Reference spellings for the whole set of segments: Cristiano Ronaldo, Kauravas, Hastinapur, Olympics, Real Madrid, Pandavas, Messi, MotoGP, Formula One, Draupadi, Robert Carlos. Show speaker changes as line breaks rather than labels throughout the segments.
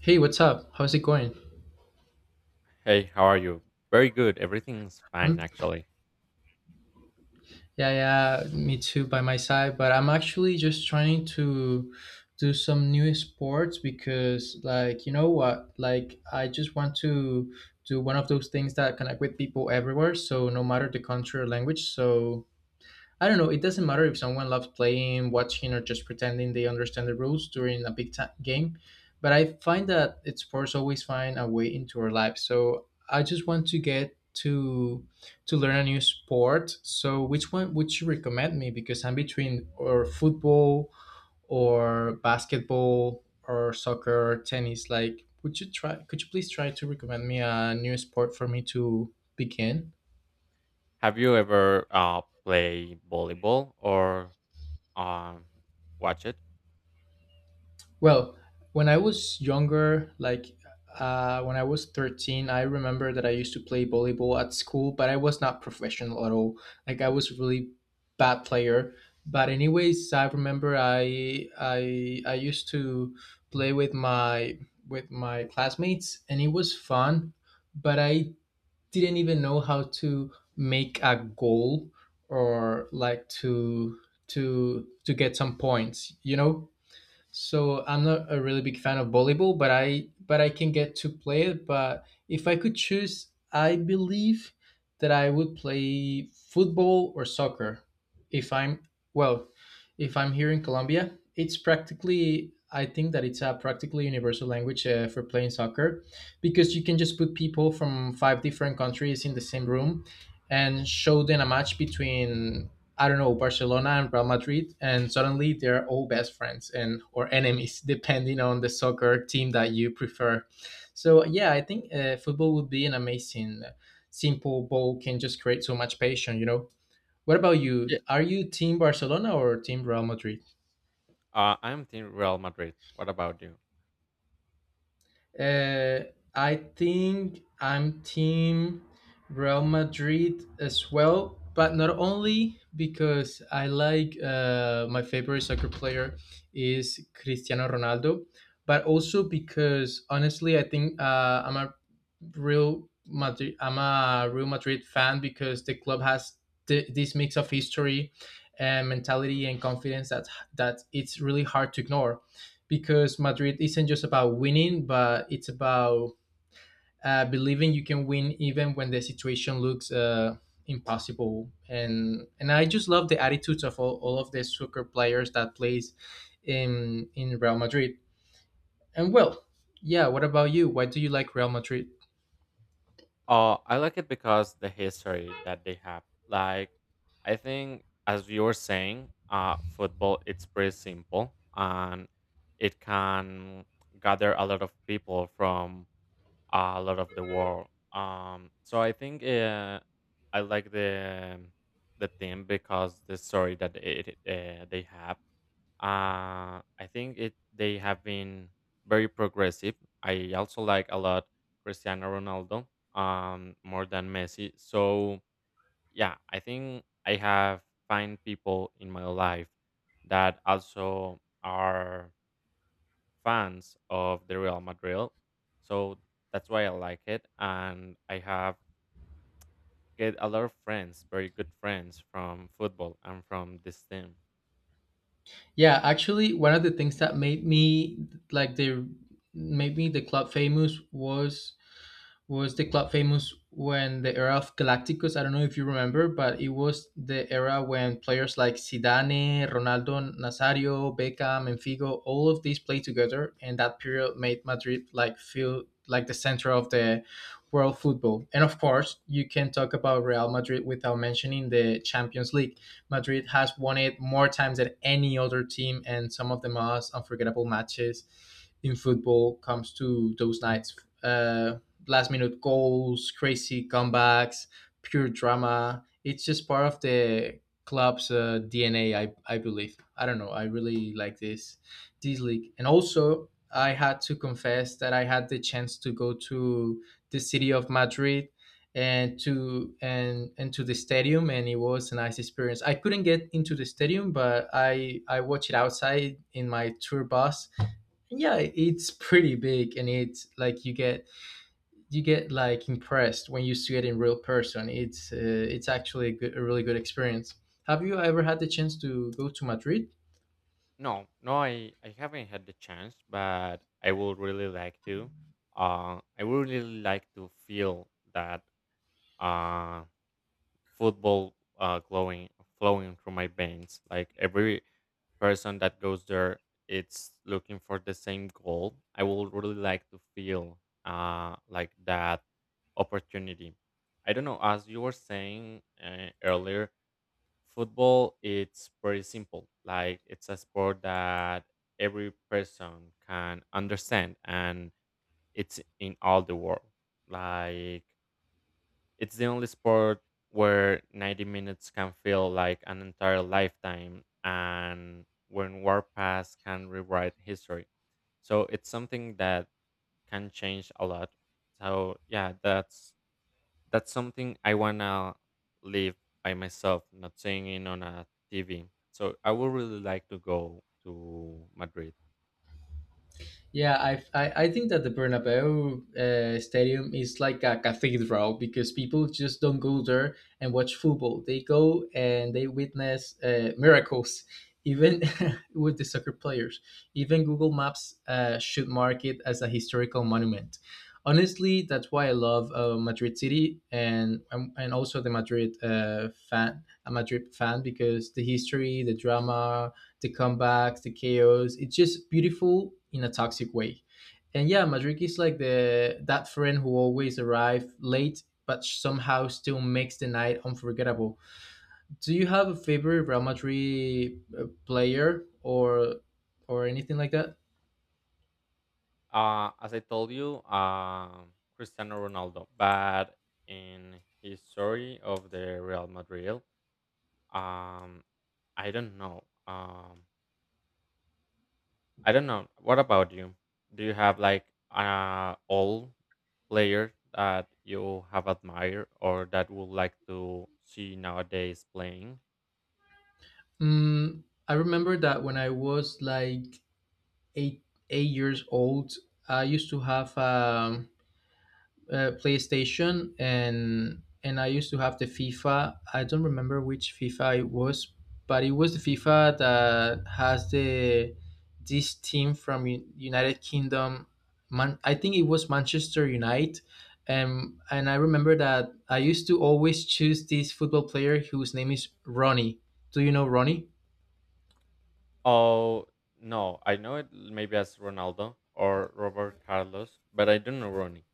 Hey, what's up? How's it going?
Hey, how are you? Very good. Everything's fine,
Um,
actually.
yeah, yeah, me too by my side, but I'm actually just trying to do some new sports because like, you know what? Like I just want to do one of those things that connect with people everywhere, so no matter the country or language. So I don't know. It doesn't matter if someone loves playing, watching, or just pretending they understand the rules during a game. But I find that it's sports always find a way into our lives. So I just want to get to to learn a new sport. So which one would you recommend me? Because I'm between or football or basketball or soccer or tennis. Like, would you try? Could you please try to recommend me a new sport for me to begin?
Have you ever play volleyball or um, watch it?
Well, when I was younger, like when I was 13, I remember that I used to play volleyball at school, but I was not professional at all. Like I was really bad player. But anyways, I remember I used to play with my classmates and it was fun, but I didn't even know how to make a goal or like to to get some points, you know? So I'm not a really big fan of volleyball, but I, but I can get to play it. But if I could choose, I believe that I would play football or soccer if I'm, well, if I'm here in Colombia, it's practically, I think that it's a practically universal language for playing soccer, because you can just put people from five different countries in the same room and show them a match between, I don't know, Barcelona and Real Madrid, and suddenly they're all best friends and or enemies, depending on the soccer team that you prefer. So yeah, I think football would be an amazing, simple ball can just create so much passion. You know, what about you?
Yeah.
Are you team Barcelona or team Real Madrid?
I'm Team Real Madrid. What about you?
Uh, I think I'm team Real Madrid as well, but not only because I like my favorite soccer player is Cristiano Ronaldo, but also because honestly, I think I'm a Real Madrid. I'm a Real Madrid fan because the club has this mix of history and mentality and confidence that that it's really hard to ignore, because Madrid isn't just about winning, but it's about, believing you can win even when the situation looks impossible. And I just love the attitudes of all of the soccer players that plays in Real Madrid. And well, yeah. What about you? Why do you like Real Madrid?
I like it because the history that they have. Like, I think, as you were saying, football, it's pretty simple and it can gather a lot of people from a lot of the world. So I think I like the theme because the story that they have. I think it they have been very progressive. I also like a lot Cristiano Ronaldo more than Messi. So yeah, I think I have find people in my life that also are fans of the Real Madrid. So that's why I like it. And I have get a lot of friends, very good friends from football and from this team.
Yeah, actually, one of the things that like the made me the club famous was the club famous when the era of Galacticos. I don't know if you remember, but it was the era when players like Zidane, Ronaldo, Nazario, Beckham, and Figo, all of these played together, and that period made Madrid like feel like the center of the world football. And of course, you can talk about Real Madrid without mentioning the Champions League. Madrid has won it more times than any other team, and some of the most unforgettable matches in football comes to those nights. Uh, last minute goals, crazy comebacks, pure drama. It's just part of the club's DNA, I believe. I don't know. I really like this league. And also, I had to confess that I had the chance to go to the city of Madrid and to the stadium, and it was a nice experience. I couldn't get into the stadium, but I watched it outside in my tour bus. And yeah, it's pretty big, and it's like you get, you get like impressed when you see it in real person. It's actually a, good, a really good experience. Have you ever had the chance to go to Madrid?
No, no, I haven't had the chance, but I would really like to. I would really like to feel that uh, football glowing, flowing through my veins. Like every person that goes there, it's looking for the same goal. I would really like to feel like that opportunity. I don't know. As you were saying earlier, football, it's pretty simple. Like it's a sport that every person can understand and it's in all the world. Like it's the only sport where 90 minutes can feel like an entire lifetime and when war past can rewrite history. So it's something that can change a lot. So yeah, that's something I wanna live by myself, not seeing it on a TV. So I would really like to go to Madrid.
Yeah, I think that the Bernabeu Stadium is like a cathedral because people just don't go there and watch football. They go and they witness miracles, even with the soccer players. Even Google Maps should mark it as a historical monument. Honestly, that's why I love Madrid City, and also the Madrid fan, a Madrid fan, because the history, the drama, the comebacks, the chaos. It's just beautiful in a toxic way. And yeah, Madrid is like the that friend who always arrives late but somehow still makes the night unforgettable. Do you have a favorite Real Madrid player or anything like that?
As I told you, Cristiano Ronaldo, but in his story of the Real Madrid. Um, I don't know. I don't know. What about you? Do you have like old player that you have admired or that would like to see nowadays playing?
Mm, I remember that when I was like eight eight years old, I used to have PlayStation and I used to have the FIFA. I don't remember which FIFA it was, but it was the FIFA that has the this team from United Kingdom. Man, I think it was Manchester United. And I remember that I used to always choose this football player whose name is Ronnie. Do you know Ronnie?
Oh, no, I know it maybe as Ronaldo or Robert Carlos, but I don't know Ronnie.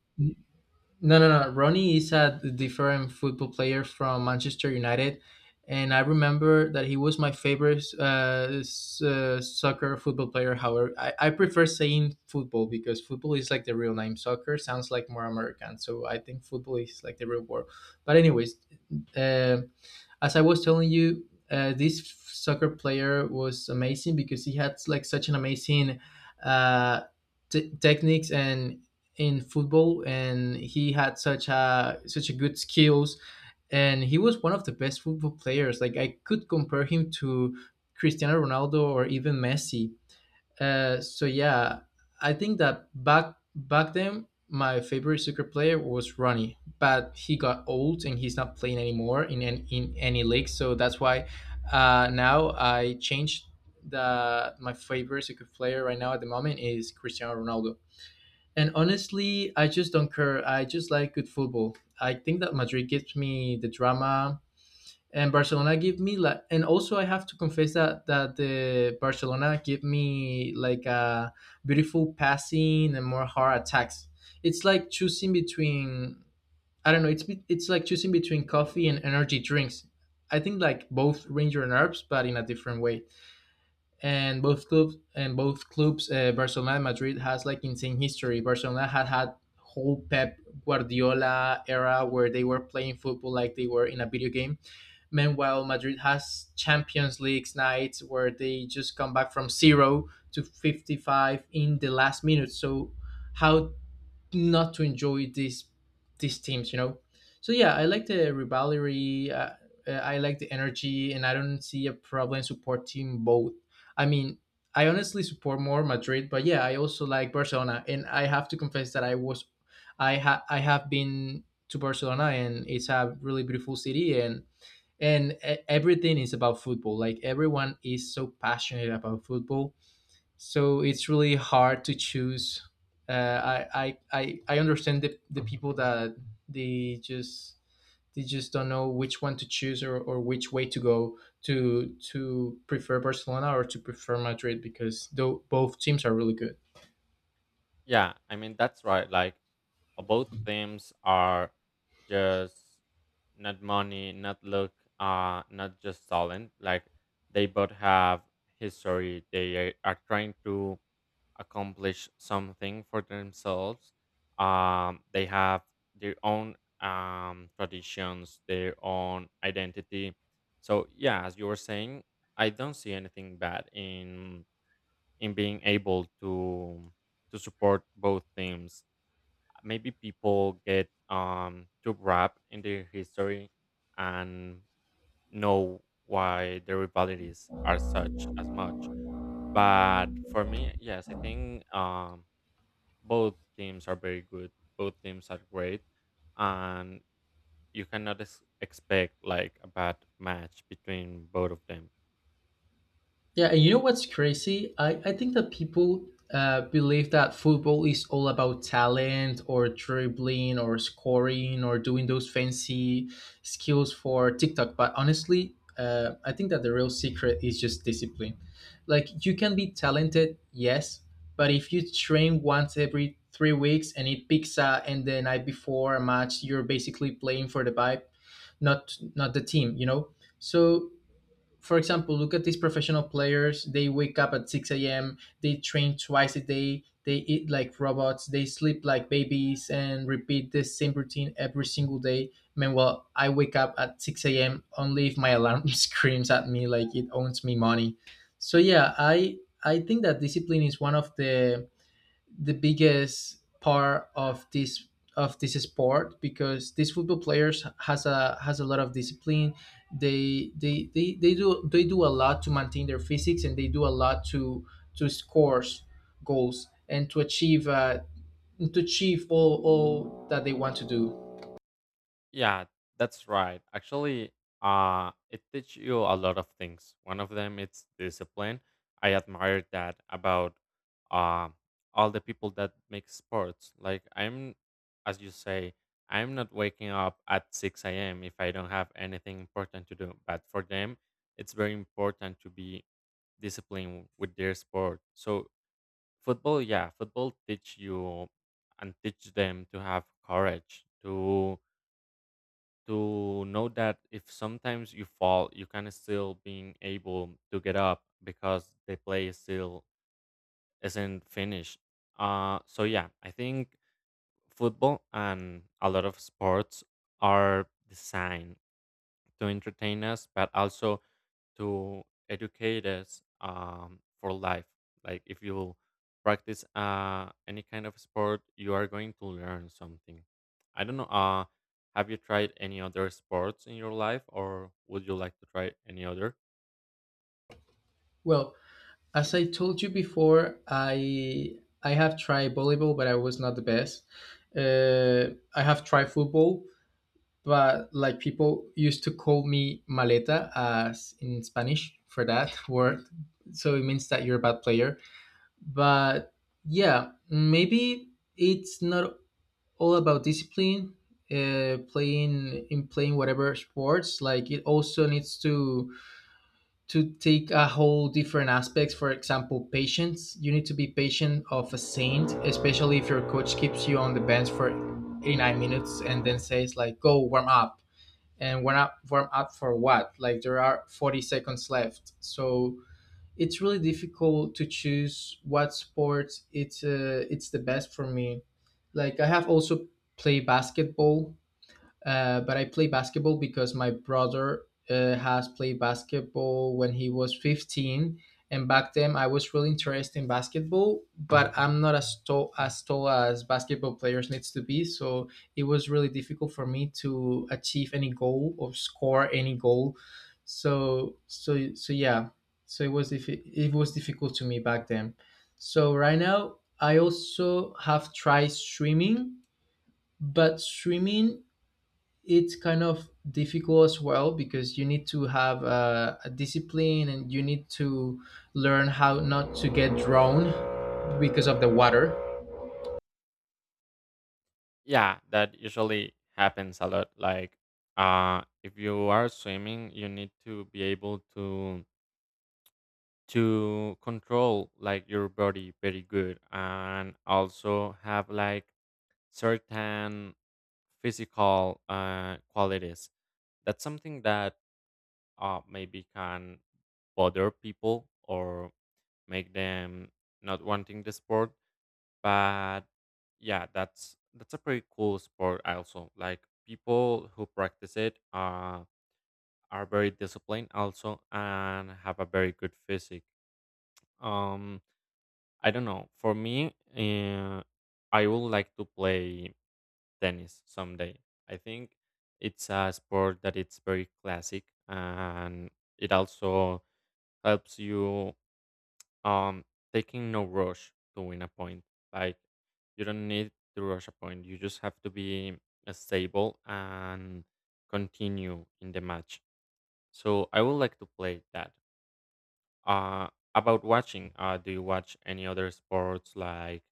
No, no, no. Ronnie is a different football player from Manchester United, and I remember that he was my favorite, soccer football player. However, I prefer saying football because football is like the real name. Soccer sounds like more American, so I think football is like the real word. But anyways, um as I was telling you, this soccer player was amazing because he had like such an amazing uh, techniques and in football, and he had such a such a good skills, and he was one of the best football players. Like I could compare him to Cristiano Ronaldo or even Messi. So yeah, I think that back then my favorite soccer player was Ronnie, but he got old and he's not playing anymore in in any league. So that's why now I changed the my favorite soccer player right now at the moment is Cristiano Ronaldo. And honestly, I just don't care. I just like good football. I think that Madrid gives me the drama and Barcelona give me like, and also I have to confess that that the Barcelona give me like a beautiful passing and more hard attacks. It's like choosing between, I don't know. It's like choosing between coffee and energy drinks. I think like both ranger and herbs, but in a different way. And both clubs, and both clubs Barcelona and Madrid has like insane history. Barcelona had whole Pep Guardiola era where they were playing football like they were in a video game. Meanwhile, Madrid has Champions League nights where they just come back from zero to 55 in the last minute. So how not to enjoy these teams, you know. So yeah, I like the rivalry. I like the energy, and I don't see a problem supporting both. I mean, I honestly support more Madrid, but yeah, I also like Barcelona, and I have to confess that I was, I ha- I have been to Barcelona, and it's a really beautiful city, and everything is about football. Like everyone is so passionate about football, so it's really hard to choose. I understand the people that they just, they just don't know which one to choose, or which way to go to prefer Barcelona or to prefer Madrid, because though both teams are really good.
Yeah, I mean that's right. Like, both themes are just not money, not look, not just talent. Like they both have history. They are trying to accomplish something for themselves. They have their own traditions, their own identity. So yeah, as you were saying, I don't see anything bad in being able to support both teams. Maybe people get too wrapped in the history and know why the rivalities are such as much. But for me, yes, I think both teams are very good. Both teams are great, and you cannot expect like a bad match between both of them.
Yeah, and you know what's crazy? I think that people believe that football is all about talent or dribbling or scoring or doing those fancy skills for TikTok. But honestly, I think that the real secret is just discipline. Like, you can be talented, yes, but if you train once every three weeks and it picks up and the night before a match, you're basically playing for the vibe, not the team, you know? So for example, look at these professional players. They wake up at 6 a.m., they train twice a day, they eat like robots, they sleep like babies, and repeat the same routine every single day. Meanwhile, I wake up at 6 a.m. only if my alarm screams at me like it owns me money. So, yeah, I think that discipline is one of the biggest part of this sport, because these football players has a lot of discipline. They they they, they do they do a lot to maintain their physics, and they do a lot to score goals, and to achieve all that they want to do.
Yeah, that's right. Actually, it teaches you a lot of things. One of them it's discipline. I admire that about uh, all the people that make sports. Like as you say, I'm not waking up at 6 a.m. if I don't have anything important to do. But for them, it's very important to be disciplined with their sport. So football, yeah, football teach you and teach them to have courage to know that if sometimes you fall, you can still being able to get up because the play is still isn't finished. So yeah, I think football and a lot of sports are designed to entertain us, but also to educate us for life. Like if you practice any kind of sport, you are going to learn something. I don't know. Have you tried any other sports in your life, or would you like to try any other?
Well, as I told you before, I have tried volleyball, but I was not the best. uh, I have tried football, but like people used to call me maleta, as in Spanish for that word. So it means that you're a bad player. But yeah, maybe it's not all about discipline. Playing whatever sports, like it also needs to take a whole different aspects. For example, patience. You need to be patient of a saint, especially if your coach keeps you on the bench for 89 minutes and then says like, go warm up. And warm up, warm up for what? Like there are 40 seconds left. So it's really difficult to choose what sport it's the best for me. Like I have also played basketball, but I play basketball because my brother has played basketball when he was 15, and back then I was really interested in basketball. But I'm not as tall as tall as basketball players needs to be, so it was really difficult for me to achieve any goal or score any goal. So yeah, so it was it was difficult to me back then. So right now I also have tried swimming, but swimming, it's kind of difficult as well, because you need to have a discipline and you need to learn how not to get drowned because of the water.
Yeah, that usually happens a lot. Like if you are swimming, you need to be able to control like your body very good and also have like certain physical qualities. That's something that maybe can bother people or make them not wanting the sport. But yeah, that's a pretty cool sport. Also, like people who practice it are very disciplined also and have a very good physique. Um, I don't know. For me, I would like to play tennis someday. I think it's a sport that it's very classic and it also helps you um taking no rush to win a point. Like you don't need to rush a point. You just have to be stable and continue in the match. So I would like to play that. Uh about watching, do you watch any other sports like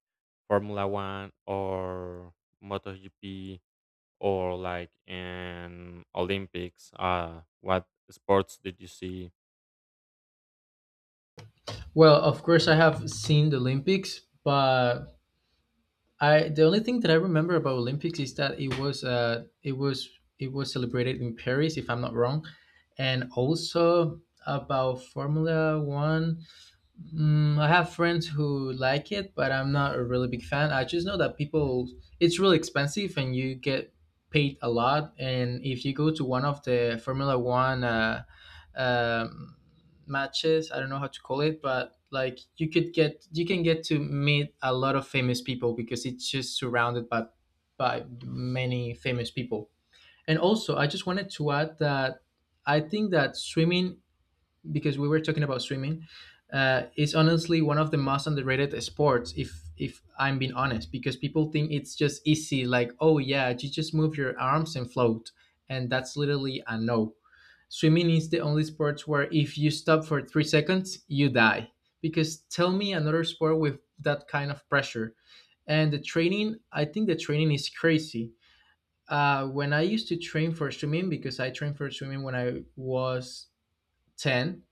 Formula One or MotoGP or like in Olympics? What sports did you see?
Well, of course, I have seen the Olympics, but I the only thing that I remember about Olympics is that it was it was celebrated in Paris, if I'm not wrong. And also about Formula One. Mm, I have friends who like it, but I'm not a really big fan. I just know that people, it's really expensive and you get paid a lot. And if you go to one of the Formula One um, matches, I don't know how to call it, but like you could you can get to meet a lot of famous people, because it's just surrounded by many famous people. And also, I just wanted to add that I think that swimming, because we were talking about swimming, it's honestly one of the most underrated sports. If I'm being honest, because people think it's just easy, like, oh yeah, you just move your arms and float. And that's literally a no. Swimming is the only sport where if you stop for 3 seconds you die, because tell me another sport with that kind of pressure. And the training, I think the training is crazy. When I used to train for swimming, because I trained for swimming when I was 10,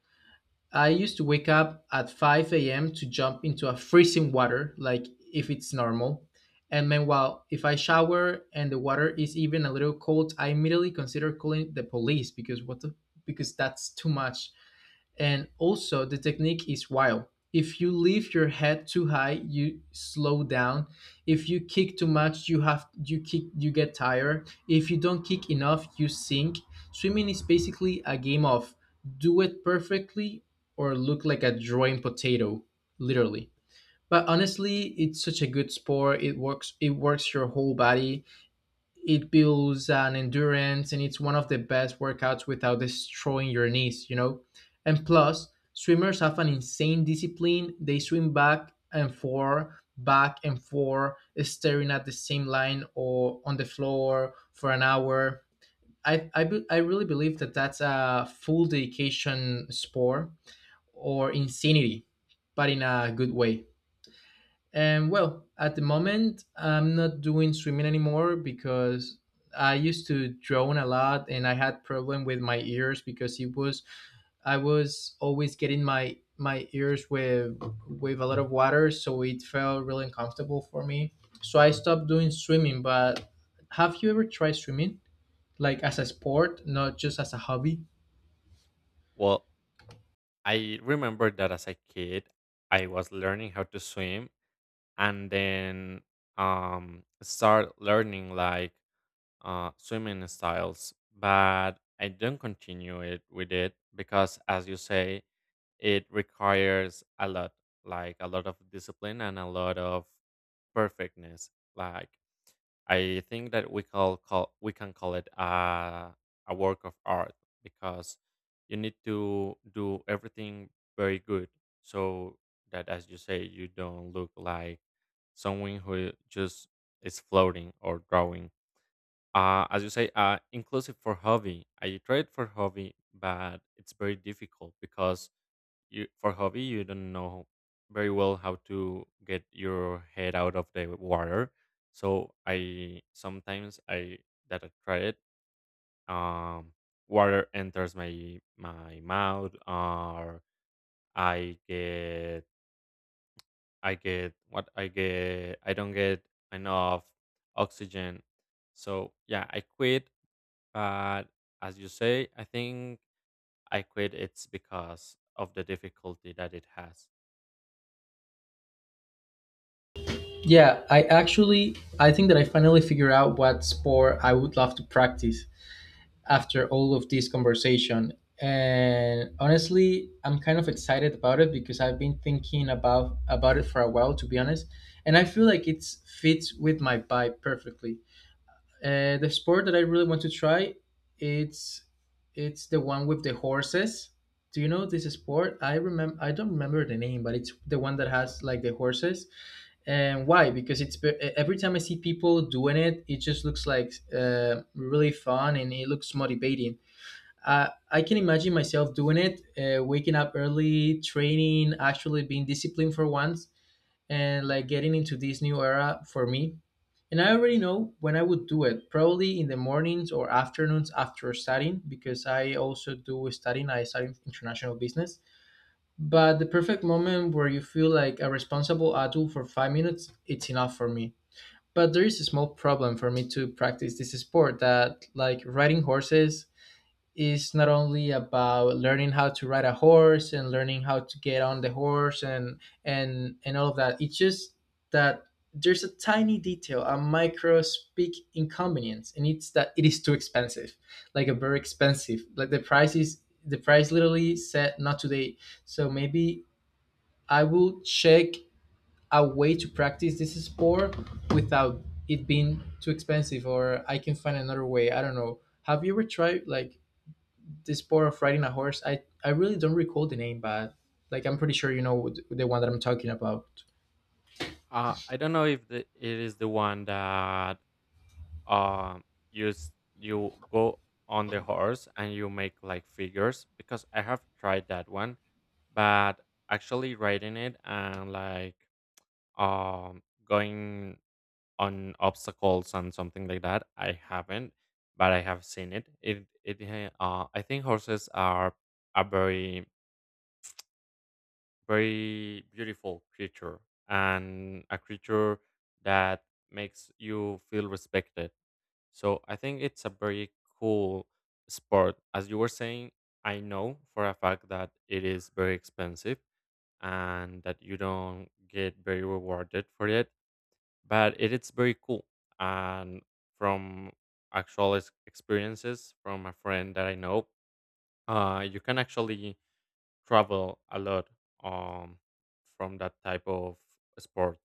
I used to wake up at 5 a.m. to jump into a freezing water, like if it's normal. And meanwhile, if I shower and the water is even a little cold, I immediately consider calling the police, because what the, because that's too much. And also, the technique is wild. If you lift your head too high, you slow down. If you kick too much, you kick you get tired. If you don't kick enough, you sink. Swimming is basically a game of do it perfectly or look like a drawing potato, literally. But honestly, it's such a good sport. It works. It works your whole body. It builds an endurance, and it's one of the best workouts without destroying your knees, you know. And plus, swimmers have an insane discipline. They swim back and forth, staring at the same line or on the floor for an hour. I really believe that that's a full dedication sport or insanity, but in a good way. And well, at the moment, I'm not doing swimming anymore, because I used to drown a lot, and I had problem with my ears, because it was I was always getting my ears with a lot of water, so it felt really uncomfortable for me. So I stopped doing swimming. But have you ever tried swimming, like as a sport, not just as a hobby?
Well, I remember that as a kid, I was learning how to swim and then start learning like swimming styles, but I don't continue it with it because, as you say, it requires a lot, like a lot of discipline and a lot of perfectness. Like I think that we can call it a work of art because you need to do everything very good so that as you say you don't look like someone who just is floating or drawing. As you say, inclusive for hobby. I tried for hobby, but it's very difficult because you for hobby, you don't know very well how to get your head out of the water. So I sometimes I, that I try it, um water enters my mouth, or i get I get what I get, I don't get enough oxygen. So yeah, I quit. But as you say, I think I quit, it's because of the difficulty that it has.
Yeah, I actually I think that I finally figure out what sport I would love to practice after all of this conversation. And honestly, I'm kind of excited about it, because I've been thinking about it for a while, to be honest. And I feel like it fits with my vibe perfectly. The sport that I really want to try, it's it's the one with the horses. Do you know this sport? I don't remember the name, but it's the one that has like the horses. And why? Because it's every time I see people doing it, it just looks like really fun, and it looks motivating. I can imagine myself doing it, waking up early, training, actually being disciplined for once, and like getting into this new era for me. And I already know when I would do it, probably in the mornings or afternoons after studying, because I also do studying. I study international business. But the perfect moment where you feel like a responsible adult for five minutes, it's enough for me. But there is a small problem for me to practice this sport, that like riding horses is not only about learning how to ride a horse and learning how to get on the horse, and all of that. It's just that there's a tiny detail, a micro speak inconvenience, and it's that it is too expensive, like a very expensive. Like the price is the price literally said not today. So maybe I will check a way to practice this sport without it being too expensive, or I can find another way. I don't know. Have you ever tried like the sport of riding a horse? I really don't recall the name, but like I'm pretty sure you know the one that I'm talking about.
I don't know if it is the one that um you you go on the horse and you make like figures, because I have tried that one, but actually riding it and like um going on obstacles and something like that I haven't, but I have seen it. I think horses are a very very beautiful creature and a creature that makes you feel respected. So I think it's a very cool sport. As you were saying, I know for a fact that it is very expensive and that you don't get very rewarded for it, but it is very cool. And from actual experiences from a friend that I know, you can actually travel a lot um from that type of sport.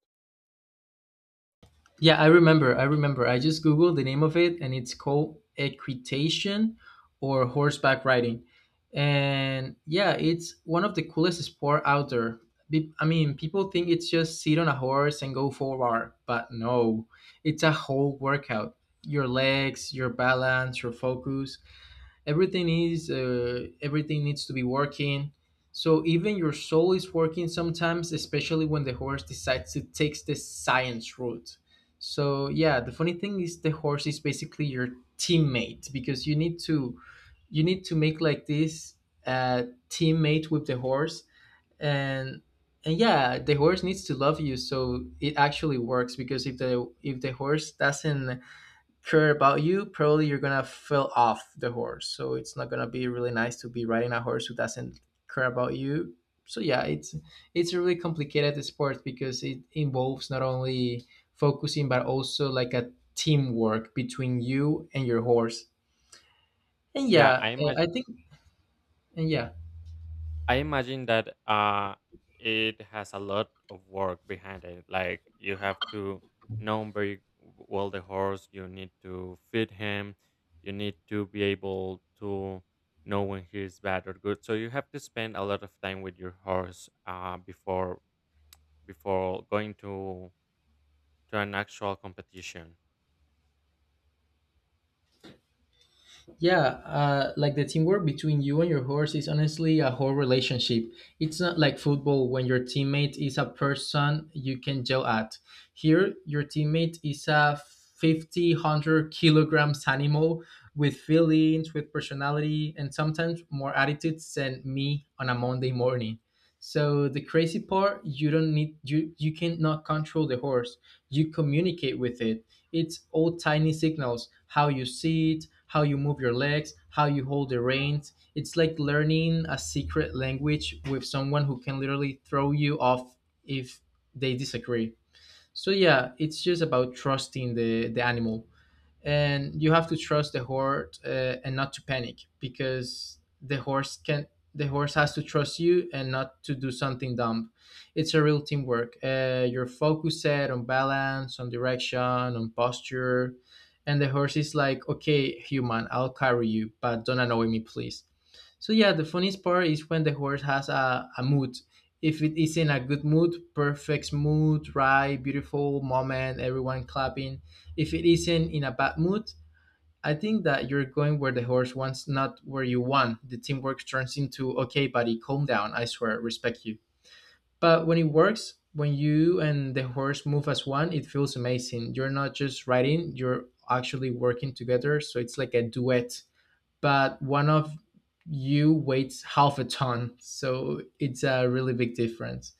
Yeah, I remember. I remember. I just googled the name of it, and it's called equitation or horseback riding. And yeah, it's one of the coolest sport out there. I mean, people think it's just sit on a horse and go for a ride, but no, it's a whole workout. Your legs, your balance, your focus, everything is everything needs to be working. So even your soul is working sometimes, especially when the horse decides to take the science route. So yeah, the funny thing is the horse is basically your teammate, because you need to make like this uh, teammate with the horse. And and yeah, the horse needs to love you, so it actually works. Because if the horse doesn't care about you, probably you're gonna fell off the horse. So it's not gonna be really nice to be riding a horse who doesn't care about you. So yeah, it's a really complicated sport, because it involves not only focusing but also like a teamwork between you and your horse. And
Yeah,
yeah,
i
eh,
imagine
I think and yeah.
i imagine that it has a lot of work behind it. Like you have to know very well the horse, you need to feed him, you need to be able to know when he's bad or good, so you have to spend a lot of time with your horse before going to an actual competition.
Yeah, like the teamwork between you and your horse is honestly a whole relationship. It's not like football when your teammate is a person you can yell at. Here, your teammate is a 50, 100 kilograms animal, with feelings, with personality, and sometimes more attitudes than me on a Monday morning. So the crazy part, you don't need you cannot control the horse. You communicate with it. It's all tiny signals, how you sit, how you move your legs, how you hold the reins. It's like learning a secret language with someone who can literally throw you off if they disagree. So yeah, it's just about trusting the animal. And you have to trust the horse, and not to panic, because the horse has to trust you and not to do something dumb. It's a real teamwork. You're focused on balance, on direction, on posture. And the horse is like, okay human, I'll carry you but don't annoy me please. So yeah, the funniest part is when the horse has a mood. If it is in a good mood, perfect mood, right, beautiful moment, everyone clapping. If it isn't in a bad mood, I think that you're going where the horse wants, not where you want. The teamwork turns into, okay buddy, calm down, I swear, respect you. But when it works, when you and the horse move as one, it feels amazing. You're not just riding, you're actually working together. So it's like a duet, but one of you weighs half a ton. So it's a really big difference.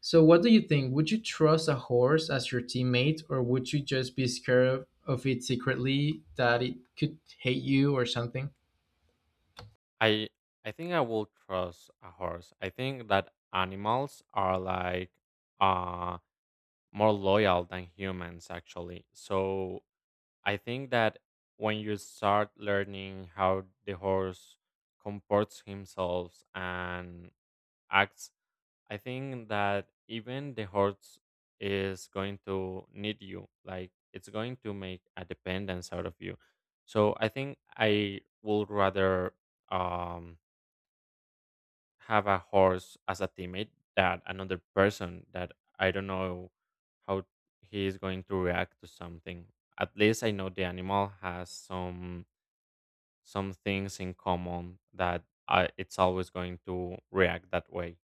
So what do you think? Would you trust a horse as your teammate, or would you just be scared of it secretly that it could hate you or something?
I I think I will trust a horse. I think that animals are like uh more loyal than humans actually. So I think that when you start learning how the horse comports himself and acts, I think that even the horse is going to need you. Like it's going to make a dependence out of you. So I think I would rather um have a horse as a teammate that another person that I don't know how he is going to react to something. At least I know the animal has some things in common that I, it's always going to react that way.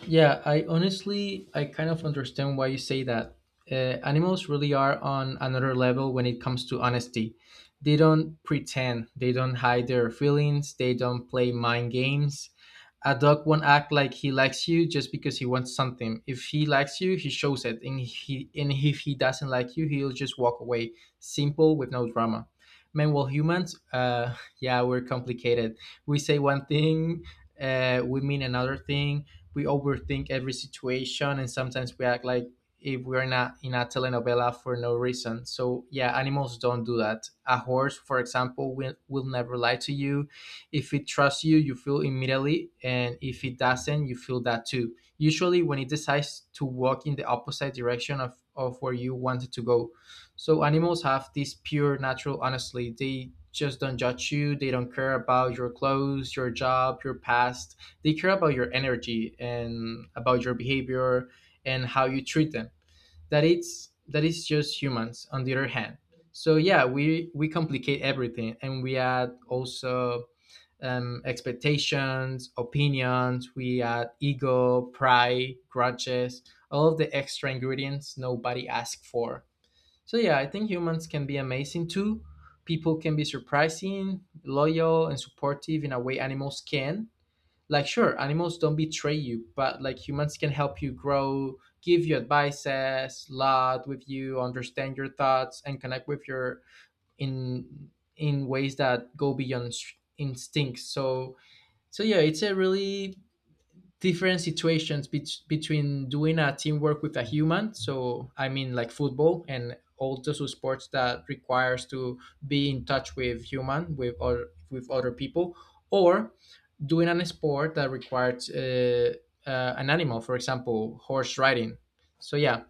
Yeah, I honestly, I kind of understand why you say that. Animals really are on another level when it comes to honesty. They don't pretend, they don't hide their feelings, they don't play mind games. A dog won't act like he likes you just because he wants something. If he likes you, he shows it, and if he doesn't like you, he'll just walk away. Simple with no drama. Meanwhile, humans, yeah, we're complicated. We say one thing, we mean another thing. We overthink every situation, and sometimes we act like if we're not in a telenovela for no reason. So yeah, animals don't do that. A horse, for example, will never lie to you. If it trusts you, you feel immediately, and if it doesn't, you feel that too. Usually, when it decides to walk in the opposite direction of where you wanted to go. So animals have this pure, natural honesty. They just don't judge you. They don't care about your clothes, your job, your past. They care about your energy and about your behavior and how you treat them. That is just humans on the other hand. So yeah, we complicate everything, and we add also expectations, opinions, we add ego, pride, grudges, all of the extra ingredients nobody asked for. So yeah, I think humans can be amazing too. People can be surprising, loyal, and supportive in a way animals can. Like, sure, animals don't betray you, but like, humans can help you grow, give you advices, laugh with you, understand your thoughts, and connect with your, in in ways that go beyond instincts, so so yeah, it's a really different situations between doing a teamwork with a human, so I mean, like football and all those sports that requires to be in touch with human, with or with other people, or doing an sport that requires an animal, for example, horse riding. So yeah,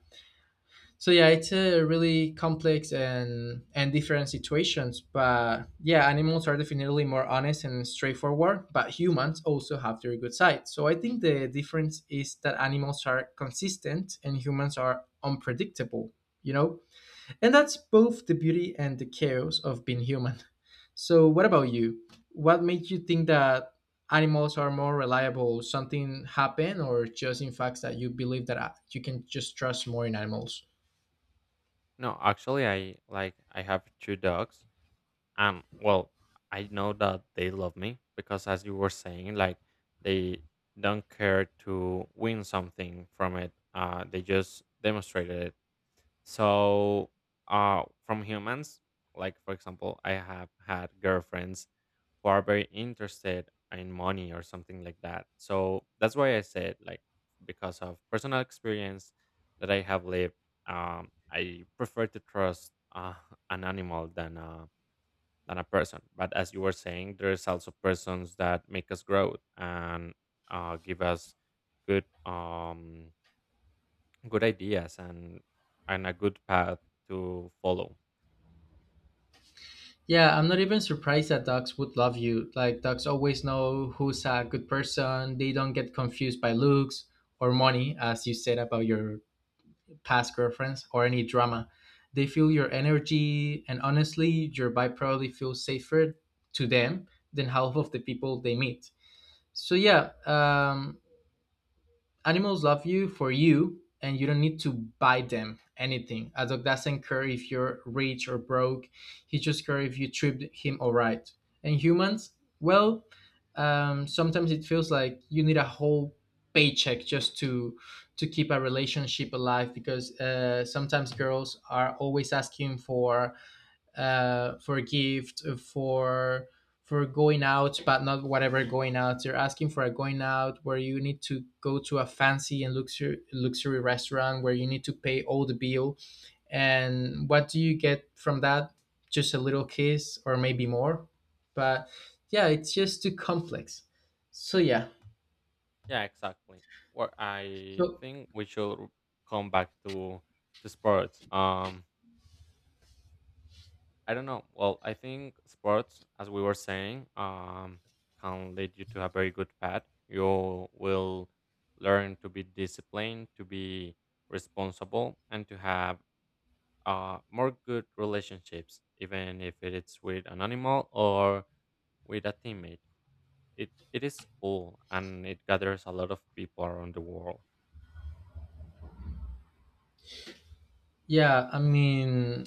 so yeah, it's a really complex and different situations. But yeah, animals are definitely more honest and straightforward, but humans also have their good side. So I think the difference is that animals are consistent and humans are unpredictable, you know? And that's both the beauty and the chaos of being human. So what about you? What made you think that animals are more reliable? Something happened, or just in fact that you believe that you can just trust more in animals?
No, actually I have two dogs, and well, I know that they love me because, as you were saying, like, they don't care to win something from it. They just demonstrated it. So, from humans, like for example, I have had girlfriends who are very interested in money or something like that. So that's why I said, like, because of personal experience that I have lived, I prefer to trust an animal than a person. But as you were saying, there's also persons that make us grow and give us good. Um, good ideas and a good path to follow.
Yeah, I'm not even surprised that dogs would love you. Like, dogs always know who's a good person. They don't get confused by looks or money, as you said about your past girlfriends or any drama. They feel your energy, and honestly, your vibe probably feels safer to them than half of the people they meet. So, yeah, animals love you for you, and you don't need to buy them anything. A dog doesn't care if you're rich or broke, he just cares if you treat him all right. And humans, well, sometimes it feels like you need a whole paycheck just to keep a relationship alive, because sometimes girls are always asking for a gift, for going out, but not whatever going out. You're asking for a going out where you need to go to a fancy and luxury restaurant where you need to pay all the bill. And what do you get from that? Just a little kiss, or maybe more. But yeah, it's just too complex. So yeah.
Yeah, exactly. What I
So
think, we should come back to sports. I don't know. Well, I think sports, as we were saying, can lead you to a very good path. You will learn to be disciplined, to be responsible, and to have more good relationships, even if it's with an animal or with a teammate. It is cool and it gathers a lot of people around the world.
yeah, I mean,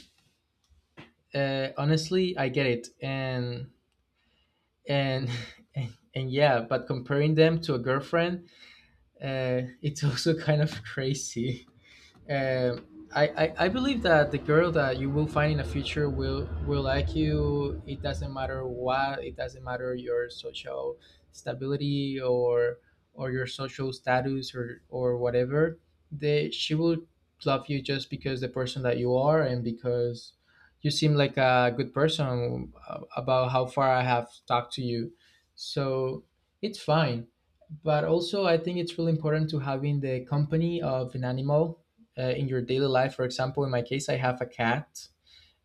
honestly, I get it. And and and yeah, but comparing them to a girlfriend, it's also kind of crazy. I believe that the girl that you will find in the future will like you. It doesn't matter what. It doesn't matter your social stability or your social status, or whatever. They she will love you just because the person that you are, and because you seem like a good person, about how far I have talked to you. So it's fine, but also I think it's really important to having the company of an animal in your daily life. For example, in my case, I have a cat,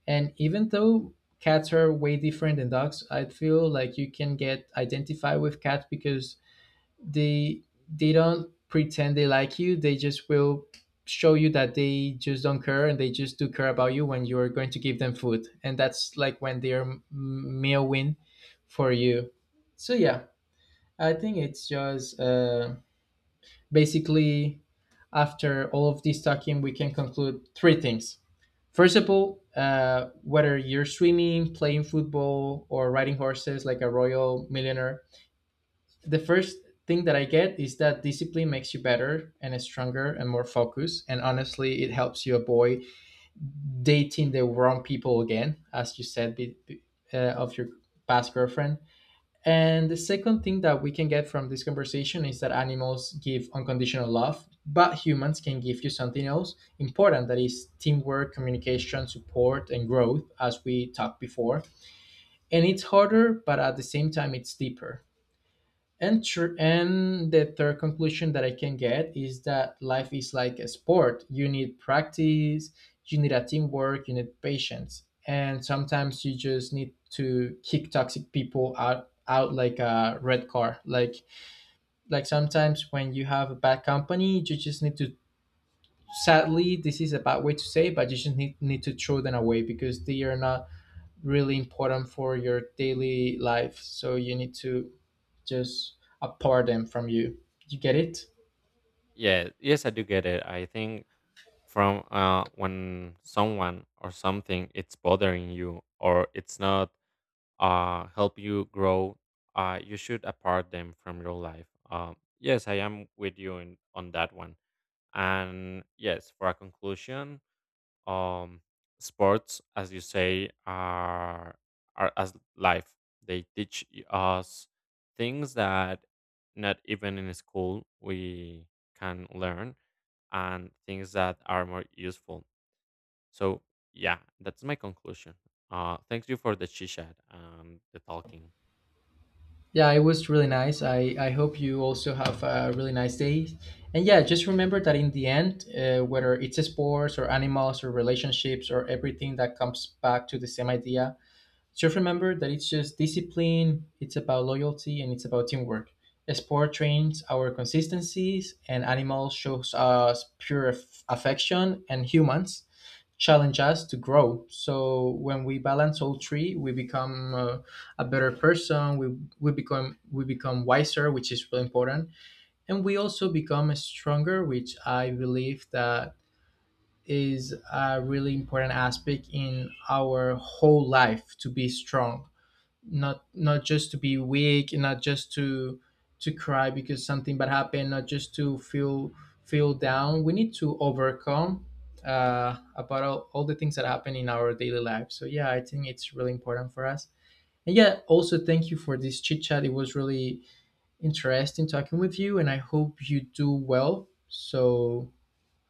and even though cats are way different than dogs, I feel like you can get identified with cats because they they don't pretend they like you. They just will show you that they just don't care, and they just do care about you when you're going to give them food, and that's like when they're meal win for you. So yeah, I think it's just basically, after all of this talking, we can conclude three things. First of all, whether you're swimming, playing football, or riding horses like a royal millionaire, the first thing that I get is that discipline makes you better and stronger and more focused. And honestly, it helps you avoid dating the wrong people again, as you said, of your past girlfriend. And the second thing that we can get from this conversation is that animals give unconditional love, but humans can give you something else important, that is teamwork, communication, support, and growth, as we talked before. And it's harder, but at the same time, it's deeper and the third conclusion that I can get is that life is like a sport. You need practice, you need a teamwork, you need patience, and sometimes you just need to kick toxic people out like a red car, like sometimes when you have a bad company you just need to, sadly this is a bad way to say, but you just need to throw them away because they are not really important for your daily life. So you need to just apart them from you. You get it?
Yeah, yes, I do get it. I think from when someone or something it's bothering you or it's not help you grow, you should apart them from your life. Yes, I am with you in, on that one. And yes, for a conclusion, um, sports, as you say, are as life. They teach us things that not even in school we can learn, and things that are more useful. So yeah, that's my conclusion. Thank you for the chit chat and the talking.
Yeah, it was really nice. I hope you also have a really nice day. And yeah, just remember that in the end, whether it's sports or animals or relationships, or everything that comes back to the same idea, just remember that it's just discipline, it's about loyalty, and it's about teamwork. Sport trains our consistencies, and animals shows us pure affection, and humans challenge us to grow. So when we balance all three, we become a better person. We become we become wiser, which is really important, and we also become stronger, which I believe that is a really important aspect in our whole life, to be strong, not just to be weak, not just to cry because something bad happened, not just to feel down. We need to overcome about all the things that happen in our daily life. So yeah, I think it's really important for us. And yeah, also thank you for this chit chat, it was really interesting talking with you, and I hope you do well. So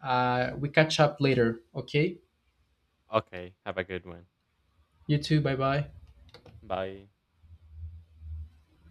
we catch up later, okay?
Okay, have a good one.
You too, bye bye.
Bye.